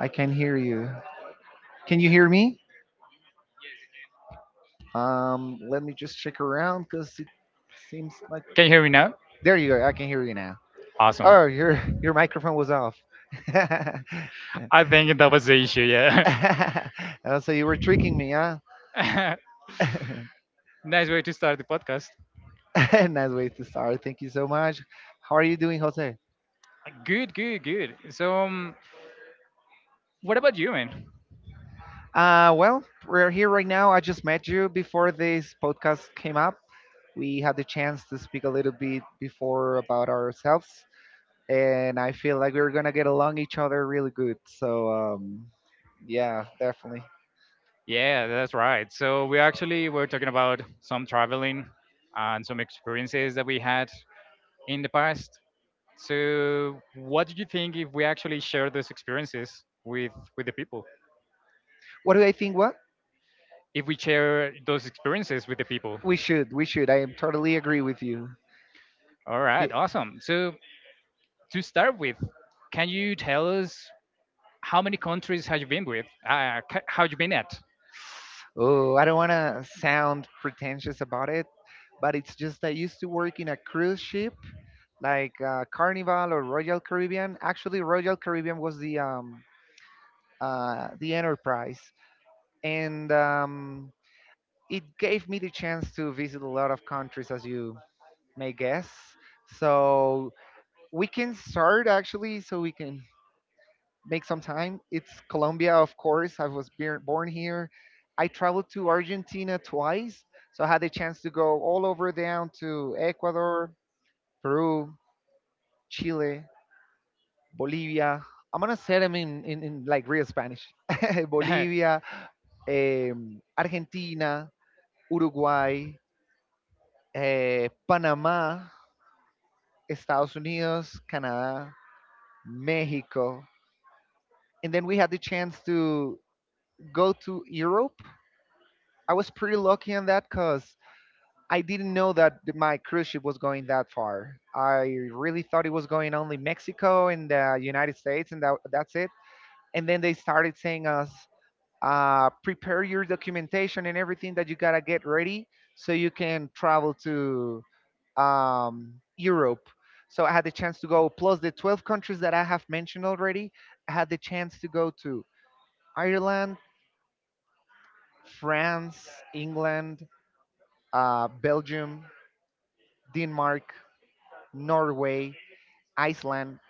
I can hear you. Can you hear me? Let me just check around because it seems like Can you hear me now? there you go. I can hear you now. Awesome. Oh, your microphone was off. I think that was the issue, yeah. So you were tricking me, huh? Nice way to start the podcast. Nice way to start. Thank you so much. How are you doing, Jose? Good, good, good. So, what about you, man? Well, we're here right now. I just met you before this podcast came up. We had the chance to speak a little bit before about ourselves. And I feel like we were gonna get along each other really good. So yeah, definitely. Yeah, that's right. So we actually were talking about some traveling and some experiences that we had in the past. So, what do you think if we actually share those experiences with the people? What do I think? What If we share those experiences with the people. we should, we should. I am totally agree with you. All right, Ye- awesome. So, to start with, can you tell us how many countries have you been with? Have you been at? Oh, I don't want to sound pretentious about it, but it's just I used to work in a cruise ship like Carnival or Royal Caribbean. Actually, Royal Caribbean was the Enterprise, and it gave me the chance to visit a lot of countries as you may guess. So we can start actually, so we can make some time. It's Colombia, of course. I was born here. I traveled to Argentina twice, so I had the chance to go all over down to Ecuador, Peru, Chile, Bolivia. I'm gonna say them in like real Spanish. Bolivia, Argentina, Uruguay, Panamá, Estados Unidos, Canadá, México, and then we had the chance to go to Europe. I was pretty lucky on that because I didn't know that my cruise ship was going that far. I really thought it was going only Mexico and the United States, and that's it. And then they started saying us, prepare your documentation and everything that you gotta get ready so you can travel to Europe. So I had the chance to go, plus the 12 countries that I have mentioned already. I had the chance to go to Ireland, France, England, Belgium, Denmark, Norway, Iceland.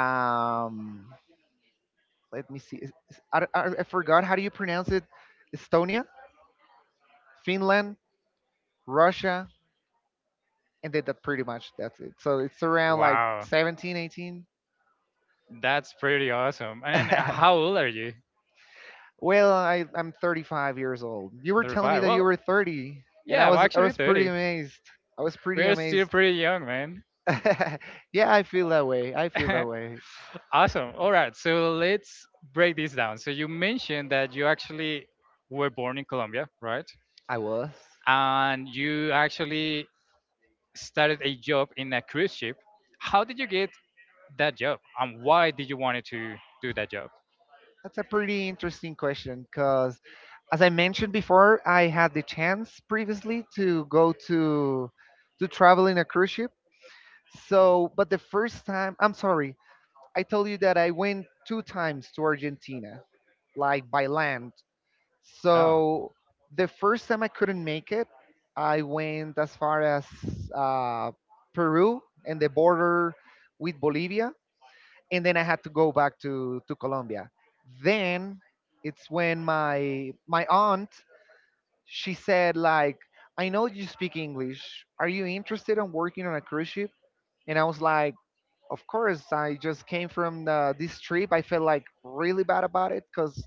Um, Let me see. I forgot how do you pronounce it. Estonia, Finland, Russia, and then that pretty much that's it. So it's around like Wow, 17, 18. that's pretty awesome. And how old are you? Well, I'm 35 years old. You were telling me 35. that you Well, were 30, and I yeah, I'm was I actually was pretty 30. amazed. I was pretty We're still amazed. pretty young, man. Yeah, I feel that way. I feel that way. Awesome. All right, so let's break this down. So you mentioned that you actually were born in Colombia, right? I was. And you actually started a job in a cruise ship. How did you get that job, and why did you wanted to do that job? That's a pretty interesting question because, as I mentioned before, I had the chance previously to go to travel in a cruise ship. So, but the first time, I'm sorry, I told you that I went two times to Argentina, like by land. Oh. So, the first time I couldn't make it, I went as far as uh, Peru and the border with Bolivia, and then I had to go back to Colombia. Then it's when my aunt she said like, "I know you speak English. Are you interested in working on a cruise ship?" And I was like, "Of course. I just came from this trip. I felt like really bad about it because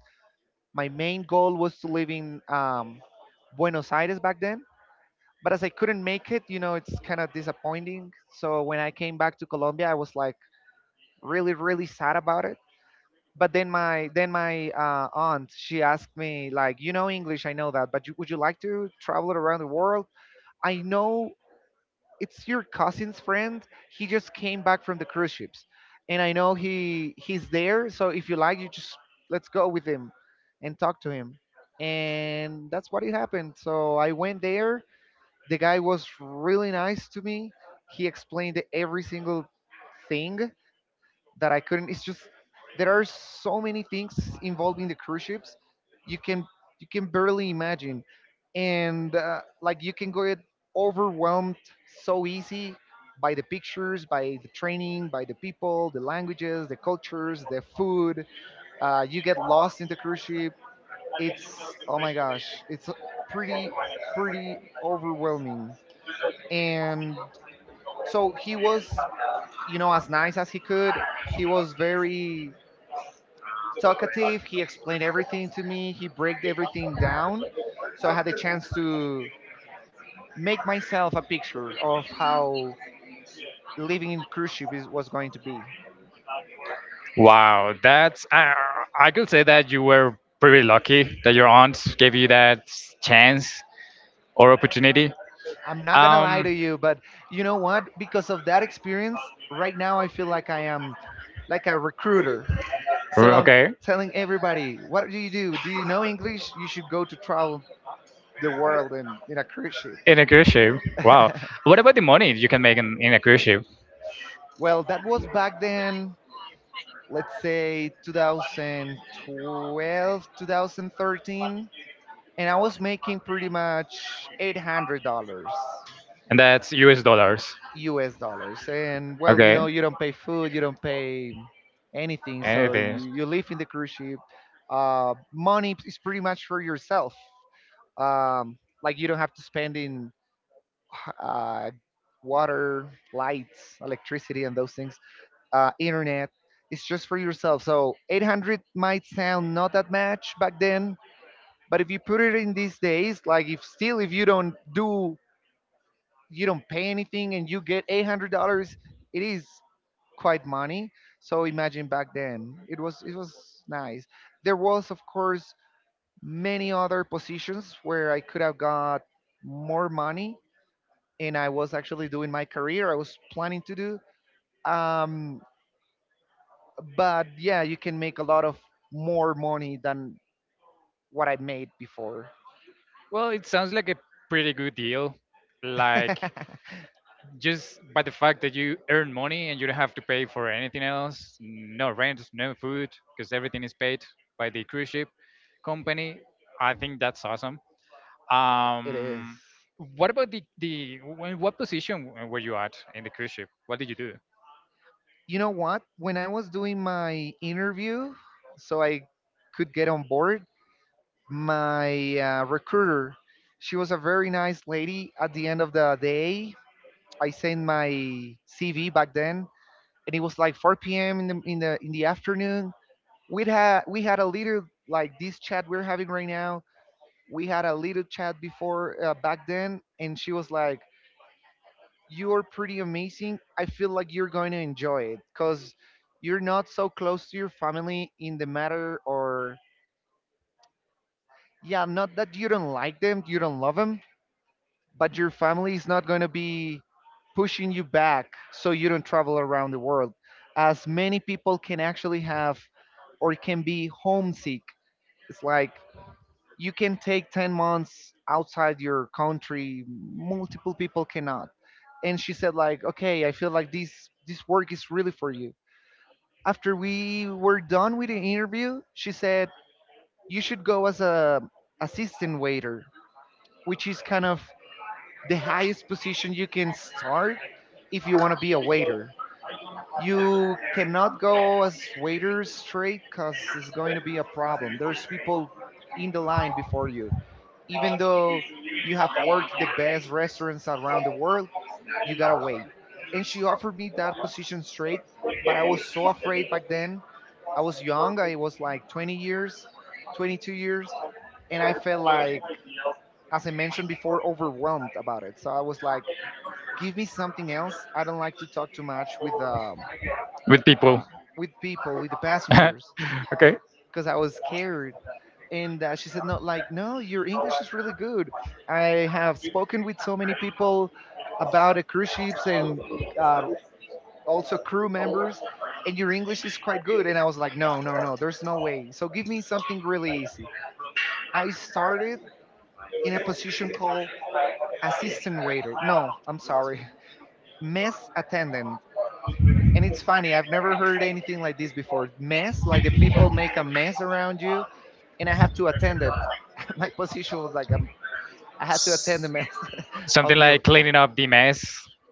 my main goal was to live in Buenos Aires back then." But as I couldn't make it, you know, it's kind of disappointing. So when I came back to Colombia, I was like really, really sad about it, but then my aunt she asked me like, you know English, I know that, but you, would you like to travel around the world? I know it's your cousin's friend, he just came back from the cruise ships, and I know he's there, so if you like, you just let's go with him and talk to him. And that's what it happened, so I went there. The guy was really nice to me. He explained every single thing that I couldn't. It's just there are so many things involving the cruise ships, you can barely imagine, and like you can get overwhelmed so easy by the pictures, by the training, by the people, the languages, the cultures, the food. You get lost in the cruise ship. It's oh my gosh, it's pretty pretty overwhelming. And so he was, you know, as nice as he could. He was very talkative. He explained everything to me. He break everything down, so I had a chance to make myself a picture of how living in cruise ship was going to be. Wow, that's, I could say that you were pretty lucky that your aunt gave you that chance or opportunity. I'm not gonna lie to Um, you, but you know what? Because of that experience, right now I feel like I am like a recruiter. So I'm okay, telling everybody, what do you do? Do you know English? You should go to travel the world in a cruise ship. in a cruise ship. Wow, what about the money you can make in a cruise ship? Well, that was back then. Let's say 2012, 2013, and I was making pretty much $800 US dollars. And that's U.S. dollars. U S dollars. And well, you know, Okay, you don't pay food, you don't pay anything, so anything. You live in the cruise ship. Money is pretty much for yourself. Like you don't have to spend in uh, water, lights, electricity, and those things. Internet. It's just for yourself. So 800 might sound not that much back then, but if you put it in these days, like if still if you don't pay anything and you get $800, it is quite money. So imagine back then. It was nice. There was of course many other positions where I could have got more money, and I was actually doing my career I was planning to do. Um but yeah, you can make a lot of more money than what I made before. Well, it sounds like a pretty good deal. It Like, just by the fact that you earn money and you don't have to pay for anything else, no rent, no food, because everything is paid by the cruise ship company. I think that's awesome. is. um what about what position were you at in the cruise ship, what did you do You know what? When I was doing my interview, so I could get on board, my recruiter, she was a very nice lady. At the end of the day, I sent my CV back then, and it was like 4 p.m. in the afternoon. We had a little like this chat we're having right now, we had a little chat before back then, and she was like, you're pretty amazing, I feel like you're going to enjoy it because you're not so close to your family in the matter, or yeah, not that you don't like them, you don't love them, but your family is not going to be pushing you back so you don't travel around the world as many people can actually have, or can be homesick. It's like you can take 10 months outside your country, multiple people cannot. And she said like, okay, I feel like this work is really for you. After we were done with the interview, she said, you should go as a assistant waiter, which is kind of the highest position you can start. If you want to be a waiter, you cannot go as waiter straight because it's going to be a problem, there's people in the line before you, even though you have worked the best restaurants around the world, you gotta wait. And she offered me that position straight, but I was so afraid back then. I was young, I was like 20 years, 22 years, and I felt like, as I mentioned before, overwhelmed about it. So I was like, give me something else. I don't like to talk too much with people? uh, with people, with the passengers Okay, because I was scared. And she said, "No, like no, your English is really good. I have spoken with so many people about cruise ships and uh, also crew members, and your English is quite good." And I was like, "No, no, no, there's no way. So give me something really easy." I started in a position called assistant waiter. No, I'm sorry, mess attendant. And it's funny, I've never heard anything like this before. Mess, like the people make a mess around you, and I have to attend it. My position was like I had to attend the mass of something the. like cleaning up the mess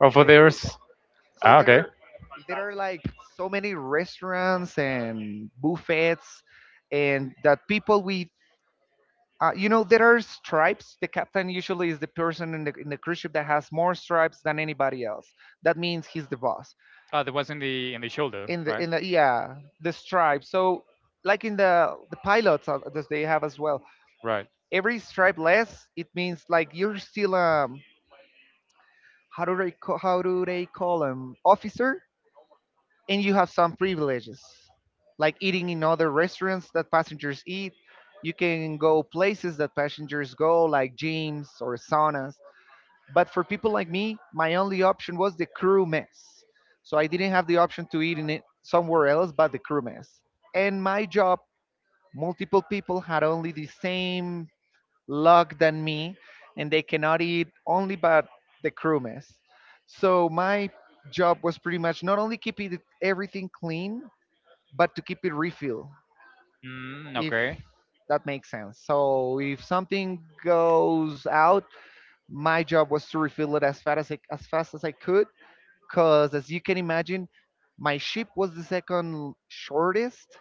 of There you others. go. So Ah, okay. There are like so many restaurants and buffets, and that people we. You know there are stripes. The captain usually is the person in the cruise ship that has more stripes than anybody else. That means he's the boss. Oh, that was in the shoulder, In the right? Yeah the stripes. So like in the pilots that they have as well. Right. Every stripe less, it means like you're still a how do they call them officer, and you have some privileges, like eating in other restaurants that passengers eat. You can go places that passengers go, like gyms or saunas. But for people like me, my only option was the crew mess, so I didn't have the option to eat in it somewhere else but the crew mess. And my job, multiple people had only the same luck than me, and they cannot eat only but the crew. So my job was pretty much not only keep it everything clean, but to keep it refill, Mm, if okay. that makes sense. So if something goes out, my job was to refill it as fast as I could, because as you can imagine, my ship was the second shortest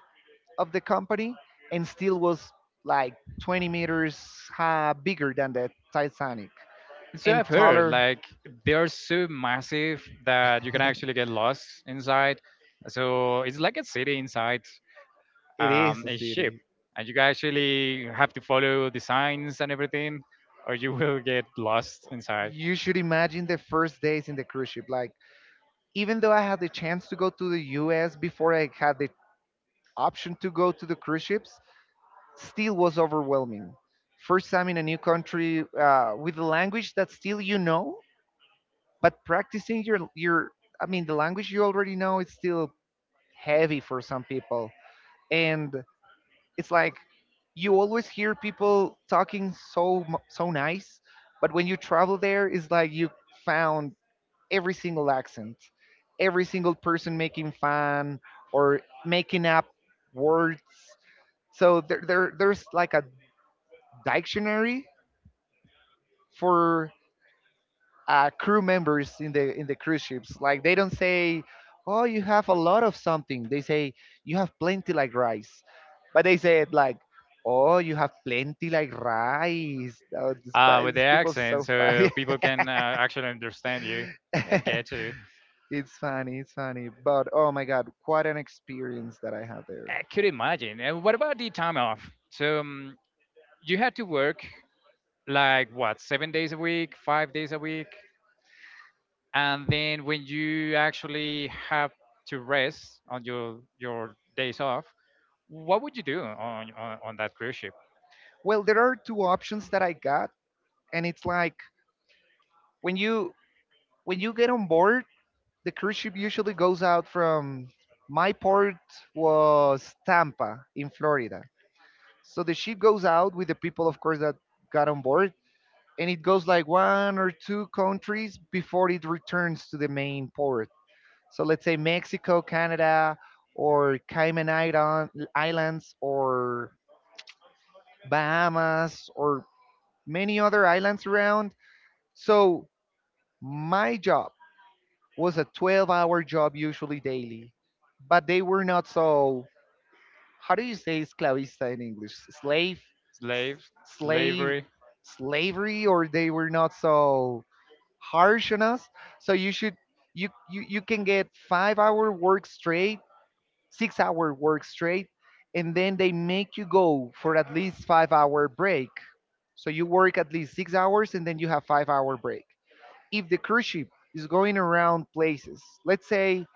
of the company, and still was like 20 meters bigger than the Titanic So and I've heard taller. like they are so massive that you can actually get lost inside. So it's like a city inside, It is a a ship, city. and you actually have to follow the signs and everything, or you will get lost inside. You should imagine the first days in the cruise ship. Like, even though I had the chance to go to the US before I had the option to go to the cruise ships, still was overwhelming. First time in a new country with a language that still you know, but practicing I mean, the language you already know is still heavy for some people. And it's like you always hear people talking so nice, but when you travel there, it's like you found every single accent, every single person making fun or making up words. So there's like a dictionary for crew members in the cruise ships. Like they don't say, "Oh, you have a lot of something." They say, "You have plenty like rice," but they say it like, "Oh, you have plenty like rice." Oh, this, With the these people so accent, funny. so people can actually understand you. I get you. It's funny. But oh my god, quite an experience that I had there. I could imagine. And what about the time off? So you had to work like what, 7 days a week, 5 days a week? And then when you actually have to rest on your days off, what would you do on that cruise ship? Well, there are two options that I got, and it's like when you when you get on board, the cruise ship usually goes out from my port was Tampa in Florida. So the ship goes out with the people, of course, that got on board, and it goes like one or two countries before it returns to the main port. So let's say Mexico, Canada, or Cayman Islands, or Bahamas, or many other islands around. So my job was a 12-hour job usually daily, but they were not so, how do you say esclavista in English? Slave, Slave, slavery. slavery, or they were not so harsh on us. So you can get 5 hour work straight, 6 hour work straight, and then they make you go for at least 5 hour break. So you work at least 6 hours and then you have 5 hour break. If the cruise ship is going around places, let's say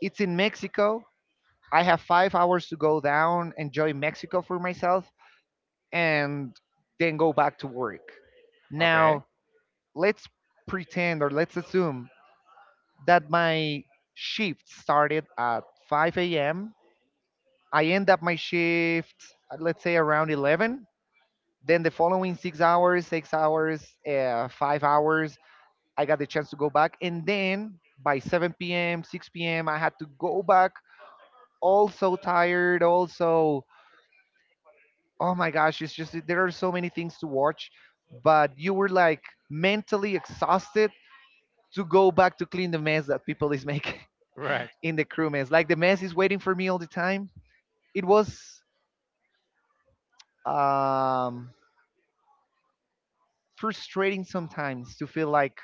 it's in Mexico. I have 5 hours to go down, enjoy Mexico for myself, and then go back to work. Okay. Now, let's pretend or let's assume that my shift started at 5 a.m. I end up my shift, let's say around 11. Then the following 6 hours, 5 hours, I got the chance to go back. And then by 7 p.m., 6 p.m., I had to go back, all so tired, also oh my gosh, it's just that there are so many things to watch, but you were like mentally exhausted to go back to clean the mess that people is making Right. in the crew mess. Like the mess is waiting for me all the time. It was um, frustrating sometimes to feel like,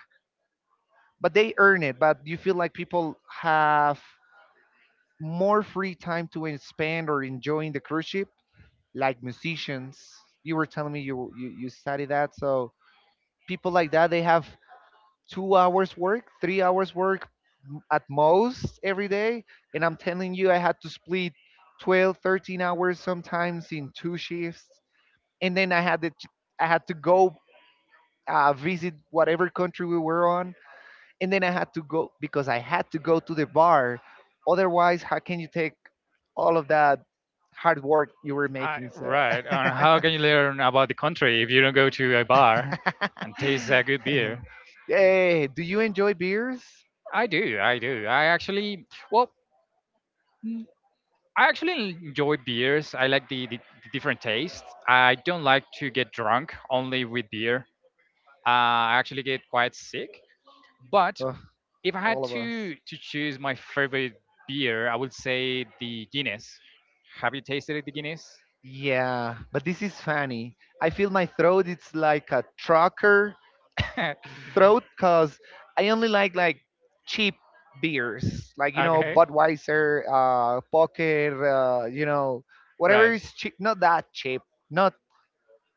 but But they they earn earn it. it. But you feel like people have more free time to spend or enjoying the cruise ship, like musicians. You were telling me you study that, so people Like like that, that they they have have two. 2 hours work, 3 hours work at most every day. And I'm telling you, I had to split 12, 13 hours sometimes in two shifts. And then I had to go visit whatever country we were on. And then I had to go because I had to go to the bar. Otherwise, how can you take all of that hard work you were making? So. Right. And how can you learn about the country if you don't go to a bar and taste a good beer? Eh, do you enjoy beers? I do. I do. I actually. Well. I actually enjoy beers. I like the different tastes. I don't like to get drunk only with beer. I actually get quite sick. But Oh, if I had all of us. to choose my favorite beer, I would say the Guinness. Have you tasted the Guinness? Yeah, but this is funny. I feel my throat it's like a trucker throat cuz I only like cheap beers. Like you know Okay, Budweiser, uh, Poker, uh, you know, whatever right. is cheap, not that cheap. Not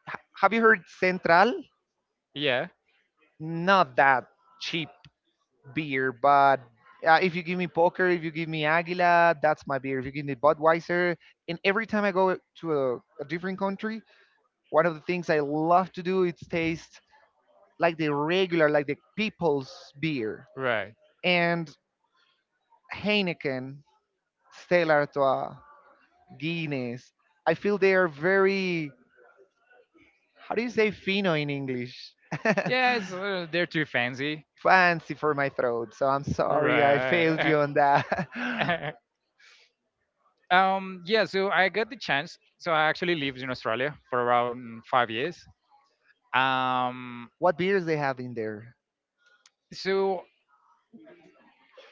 have you heard Central? Yeah, Not that cheap beer, but if you give me Poker, if you give me Aguila, that's my beer. If you give me Budweiser, and every time I go to a different country, one of the things I love to do is taste like the regular, like the people's beer. right. And Heineken, Stella Artois, Guinness. I feel they are very, how do you say fino in English? Yes, they're too fancy. Fancy for my throat. So I'm sorry I failed Right. you on that. Yeah, so I got the chance. So I actually lived in Australia for around 5 years. Um, What beers they have in there? so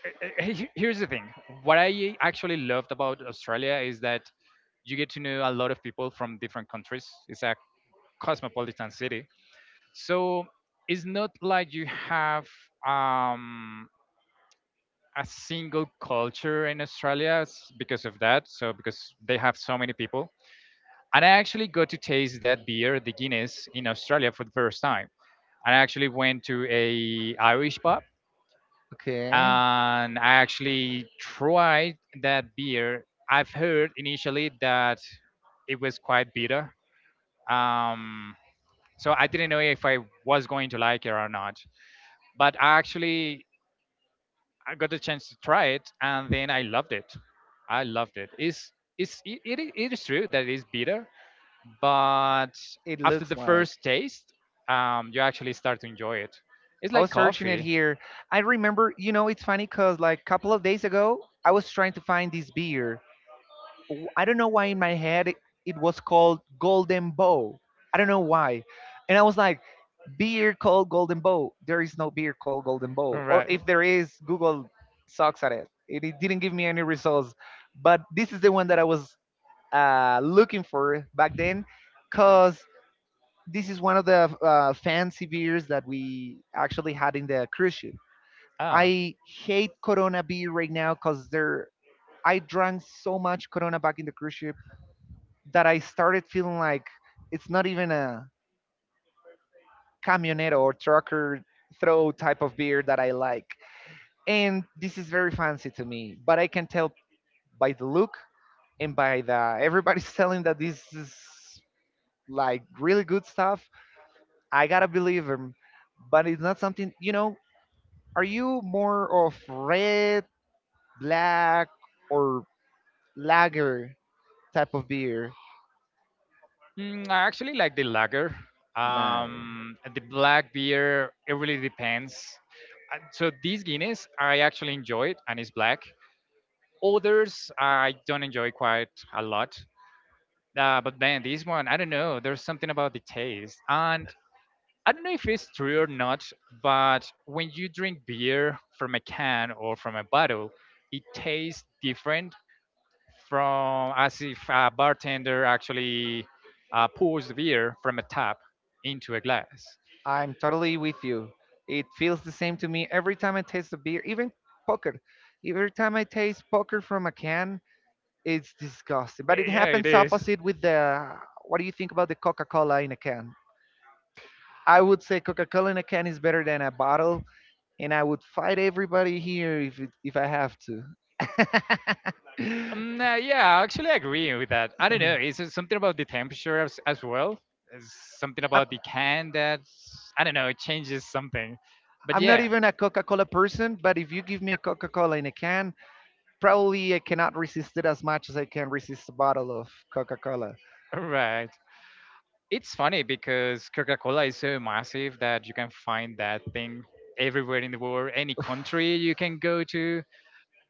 uh, uh, he- here's the thing, what I actually loved about Australia is that you get to know a lot of people from different countries. It's a cosmopolitan city. So it's not like you have, um, a single culture in Australia, because of that. So, because they have so many people. And I actually got to taste that beer, the Guinness, in Australia for the first time. I actually went to a Irish pub Okay. and I actually tried that beer. I've heard initially that it was quite bitter. Um, so I didn't know if I was going to like it or not. But I actually, I got the chance to try it and then I loved it. I loved it. It is true that it is bitter, but It after looks the like. first taste, you actually start to enjoy it. It's I was like searching it coffee. here. I remember, you know, it's funny because like a couple of days ago, I was trying to find this beer I don't know why in my head it was called Golden Bow. I don't know why. And I was like, beer called Golden Bow. There is no beer called Golden All Bow. Or right. if there is, Google sucks at it. It didn't give me any results. But this is the one that I was looking for back then because this is one of the fancy beers that we actually had in the cruise ship. Ah. I hate Corona beer right now because they're I drank so much Corona back in the cruise ship that I started feeling like it's not even a camionero or trucker throw type of beer that I like. And this is very fancy to me, but I can tell by the look and by the everybody's telling that this is like really good stuff. I gotta believe them, but it's not something you know. Are you more of red, black, or lager type of beer? Mm, I actually like the lager, Lager. The black beer. It really depends. So these Guinness, I actually enjoy it, and it's black. Others I don't enjoy quite a lot, but man, this one, I don't know, there's something about the taste, and I don't know if it's true or not, but when you drink beer from a can or from a bottle, it tastes different, from as if a bartender actually pours the beer from a tap into a glass. I'm totally with you. It feels the same to me every time I taste a beer, even poker. Every time I taste poker from a can, it's disgusting. But it Yeah, it happens is. opposite with the. What do you think about the Coca Cola in a can? I would say Coca Cola in a can is better than a bottle, and I would fight everybody here if I have to. Um, uh, yeah, actually, I agree with that. I don't know. Is it something about the temperature as well? Is something I'm, about the can that, I don't know, it changes something. But I'm not yeah, even a Coca Cola person, but if you give me a Coca Cola in a can, probably I cannot resist it as much as I can resist a bottle of Coca Cola. right. It's funny because Coca-Cola is so massive that you can find that thing everywhere in the world. Any country you can go to,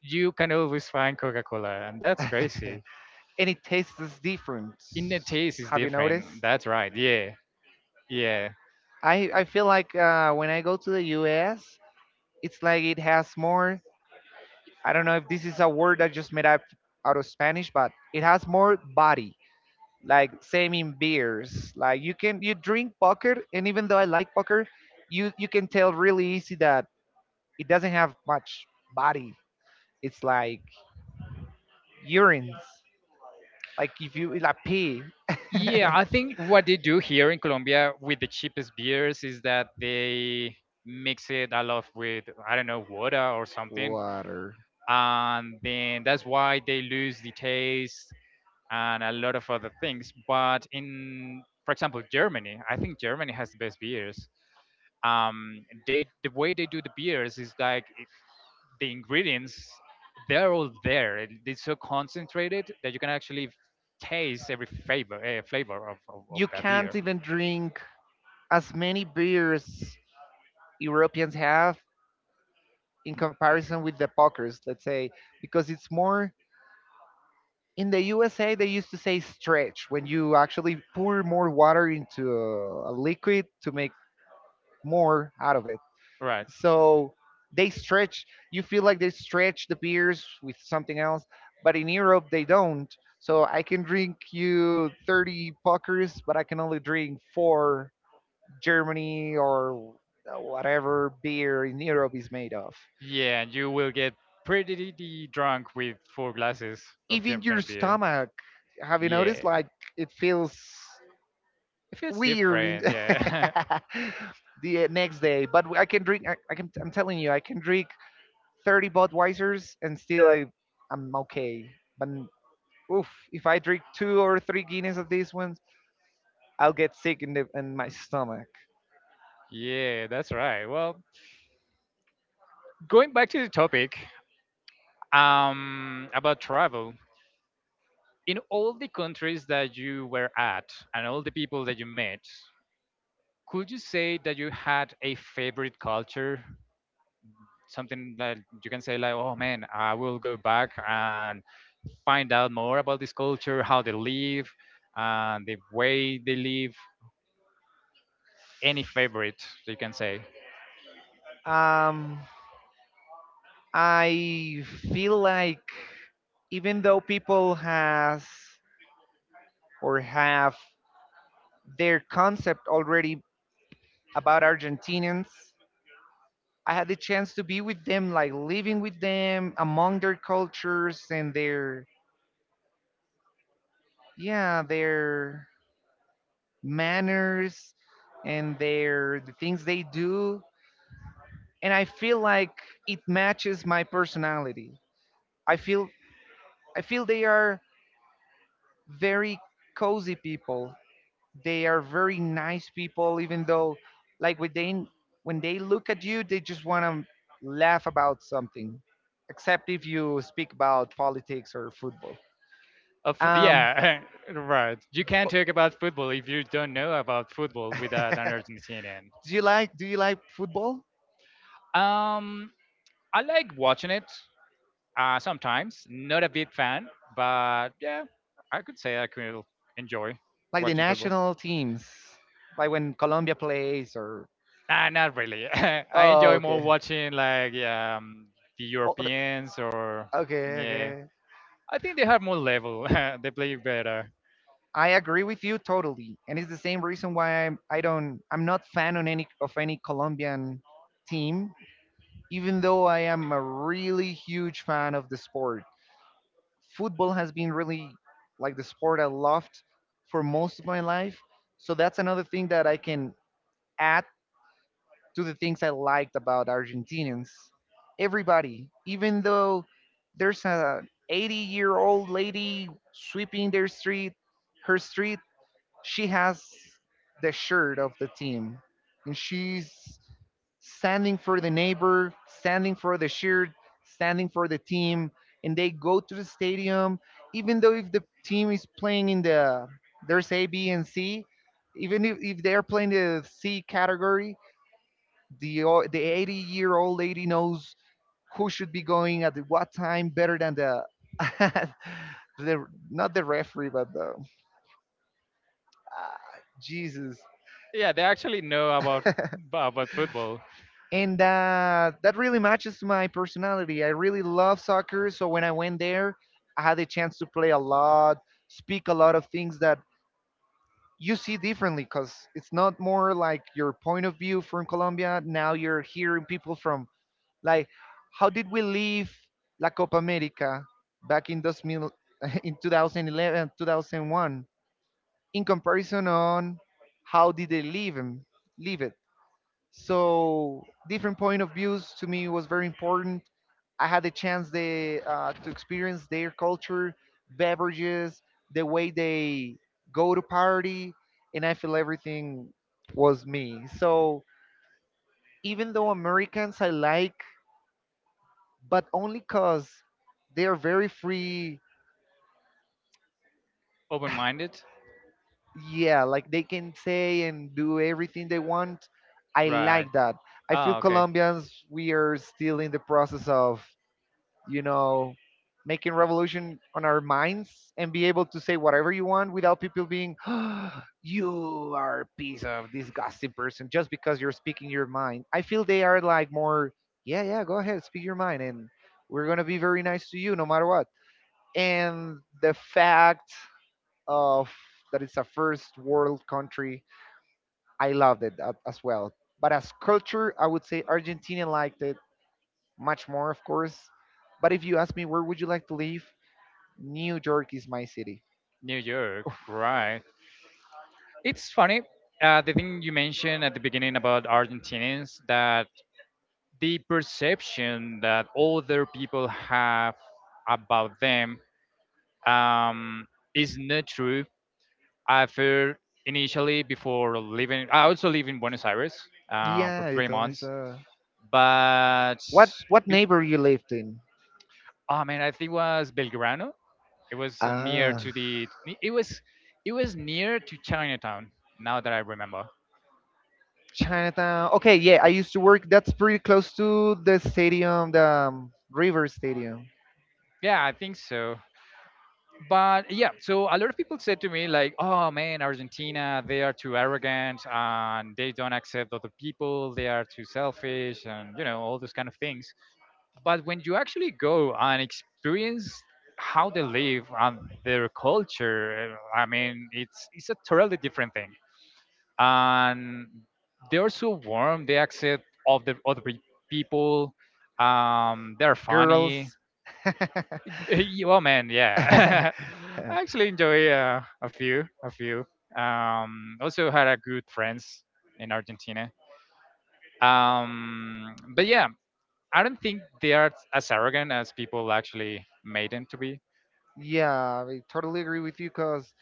you can always find Coca-Cola, and that's crazy. And it tastes different. In the taste is Have you different. noticed? That's right. Yeah. Yeah. I feel like when I go to the US, it's like it has more. I don't know if this is a word I just made up out of Spanish, but it has more body. Like same in beers. Like you can you drink Pucker, and even though I like Pucker, you can tell really easy that it doesn't have much body. It's like urines. Like if you like pee, Yeah, I think what they do here in Colombia with the cheapest beers is that they mix it a lot with, I don't know, water or something, Water. and then that's why they lose the taste and a lot of other things. But, in, for example, Germany, I think Germany has the best beers. They, the way they do the beers is like, the ingredients, they're all there. It's so concentrated that you can actually taste every flavor, of You that can't beer. even drink as many beers Europeans have in comparison with the pokers, let's say, because it's more in the USA they used to say stretch when you actually pour more water into a liquid to make more out of it. Right. So they stretch. You feel like they stretch the beers with something else, but in Europe they don't. So I can drink you 30 puckers, but I can only drink four Germany or whatever beer in Europe is made of. Yeah, and you will get pretty drunk with four glasses of Even your German beer. stomach, have you noticed? Yeah, Like it feels it feels weird in different. Yeah, the next day. But I can drink. I can. I'm telling you, I can drink 30 Budweisers and still I'm okay. But oof, if I drink two or three Guinness of these ones, I'll get sick in my stomach. yeah, that's right. Well, going back to the topic, about travel, in all the countries that you were at and all the people that you met, could you say that you had a favorite culture? Something that you can say like, oh man, I will go back and find out more about this culture, how they live, and the way they live. Any favorite you can say? Um, I feel like even though people has or have their concept already about Argentinians, I had the chance to be with them, like living with them among their cultures and their yeah their manners and their the things they do, and I feel like it matches my personality. I feel I feel they are very cozy people. They are very nice people, even though like when they look at you they just want to laugh about something, except if you speak about politics or football. Of, Um, yeah, right. You can't talk about football if you don't know about football without an Argentinian. do do you like football Um, I like watching it, sometimes. Not a big fan, but yeah, I could say, I could enjoy like the watching football. national teams like when Colombia plays or Nah, not really. I Oh, enjoy more okay. watching like, the Oh, Europeans, or okay, yeah, okay. I think they have more level. They play better. I agree with you totally, and it's the same reason why I don't I'm not fan on any of any Colombian team, even though I am a really huge fan of the sport. Football has been really like the sport I loved for most of my life, so that's another thing that I can add to the things I liked about Argentinians. Everybody, even though there's a 80-year-old lady sweeping their street, her street, she has the shirt of the team. And she's standing for the neighbor, standing for the shirt, standing for the team. And they go to the stadium, even though if the team is playing in the, there's A, B, and C, even if they're playing the C category, the 80-year-old lady knows who should be going at the what time better than the the not the referee but the ah, Jesus. Yeah, they actually know about football. And that really matches my personality. I really love soccer, so when I went there, I had a chance to play a lot, speak a lot of things that you see differently because it's not more like your point of view from Colombia. Now you're hearing people from, like, how did we leave La Copa America back in, 2000, in 2011, 2001, in comparison on how did they leave, him, leave it? So, different point of views to me was very important. I had the chance to experience their culture, beverages, the way they go to party, and I feel everything was me. So, even though Americans I like but only because they are very free. Open-minded, Yeah, like they can say and do everything they want. I right? like that. I feel Ah, okay. Colombians, we are still in the process of, you know, making revolution on our minds and be able to say whatever you want without people being, you are a piece of disgusting person just because you're speaking your mind. I feel they are like more, yeah, yeah, go ahead, speak your mind. And we're going to be very nice to you no matter what. And the fact of that it's a first world country, I loved it as well. But as culture, I would say Argentina liked it much more, of course. But if you ask me where would you like to live, New York is my city. New York, right? It's funny. The thing you mentioned at the beginning about Argentinians, that the perception that other people have about them, um, is not true. I heard initially before living. I also live in Buenos Aires, for Yeah, three it always months, but, what neighbor you lived in? oh man, I think it was Belgrano. It was, near Ah, to the. It was, it was near to Chinatown. Now that I remember. Chinatown. Okay, yeah, I used to work. That's pretty close to the stadium, the River Stadium. Yeah, I think so. But yeah, so a lot of people said to me like, "Oh man, Argentina, they are too arrogant and they don't accept other people. They are too selfish and you know all those kind of things." But when you actually go and experience how they live and their culture, I mean, it's a totally different thing. And they are so warm. They accept all the other people. They're funny. Girls. Well, man, yeah. I actually enjoy, a few. Also had a good friends in Argentina. But yeah, I don't think they are as arrogant as people actually made them to be. Yeah, I totally agree with you because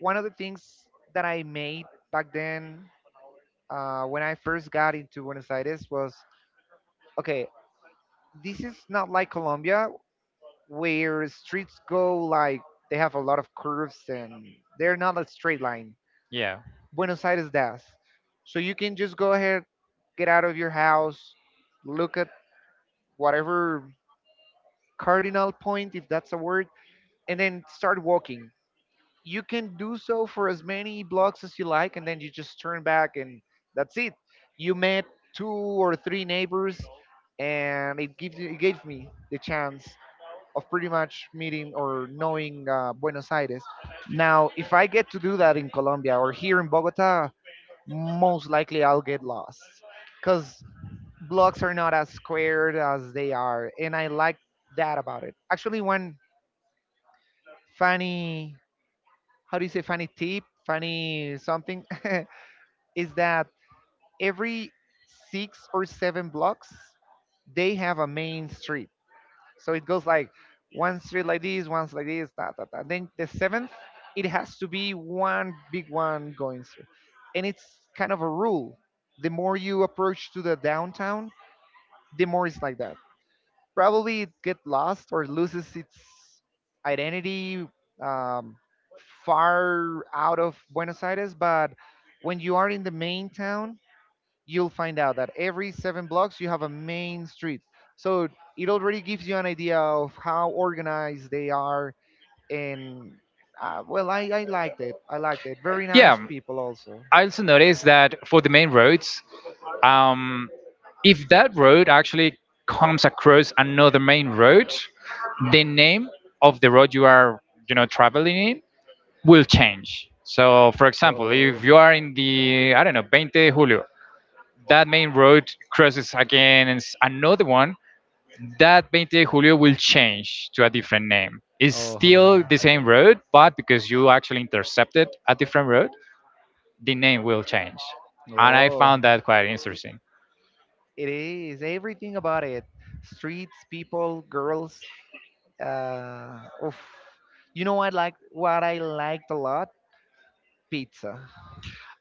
one of the things that I made back then when I first got into Buenos Aires was okay, this is not like Colombia, where streets go like they have a lot of curves and they're not a straight line. Yeah, Buenos Aires does. So you can just go ahead, get out of your house, look at whatever cardinal point, if that's a word, and then start walking. You can do so for as many blocks as you like, and then you just turn back. And that's it, you met two or three neighbors, and it gave me the chance of pretty much meeting or knowing Buenos Aires. Now, if I get to do that in Colombia or here in Bogota, most likely I'll get lost because blocks are not as squared as they are, and I like that about it. Actually, one funny, how do you say, funny tip, funny something is that every six or seven blocks they have a main street, so it goes like one street like this, one's like this, da, da, da. Then the seventh it has to be one big one going through, and it's kind of a rule. The more you approach to the downtown, the more it's like that. Probably it get lost or loses its identity um, far out of Buenos Aires. But when you are in the main town, you'll find out that every seven blocks you have a main street. So it already gives you an idea of how organized they are. And well, I liked it. I liked it. Very yeah. nice people also. I also noticed that for the main roads, um, If that road actually comes across another main road, the name of the road you are, traveling in will change. So, for example, if Oh, you are in the, I don't know, 20 Julio, that main road crosses again and another one, that 20 Julio will change to a different name. It's oh, still oh, the same road, but because you actually intercepted a different road, the name will change. And I oh. Oh. found that quite interesting. It is everything about it. Streets, people, girls. Oof. You know what I like what I liked a lot? Pizza.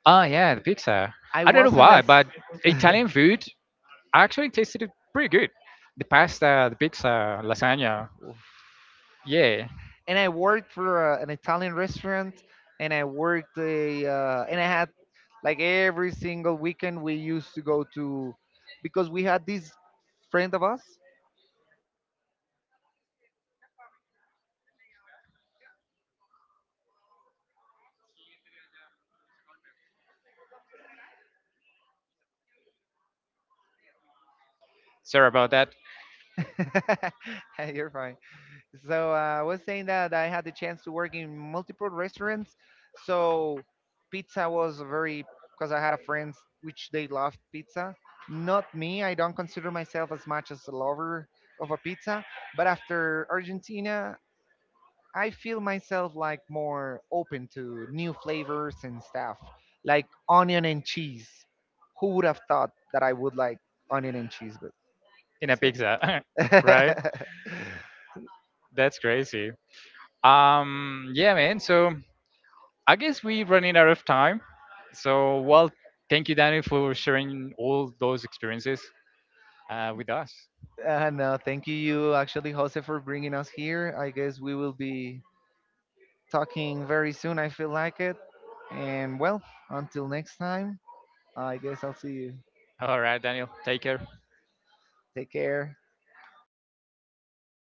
Oh yeah, the pizza. I I don't know wasn't why, as but Italian food, I actually tasted it pretty good. The pasta, the pizza, lasagna. oof. Yeah, And I worked for an Italian restaurant, and I worked a and I had, like, every single weekend we used to go to because we had this friend of us. sorry about that. You're fine. So I was saying that I had the chance to work in multiple restaurants. So pizza was very because I had a friends which they loved pizza. Not me. I don't consider myself as much as a lover of a pizza. But after Argentina, I feel myself like more open to new flavors and stuff, like onion and cheese. Who would have thought that I would like onion and cheese? But In a it's okay. pizza, right? That's crazy. Yeah, man. So I guess we running out of time. So well, thank you, Daniel, for sharing all those experiences, with us. No, thank you, you actually, Jose, for bringing us here. I guess we will be talking very soon. I feel like it. And well, until next time, I guess I'll see you. All right, Daniel. Take care. Take care.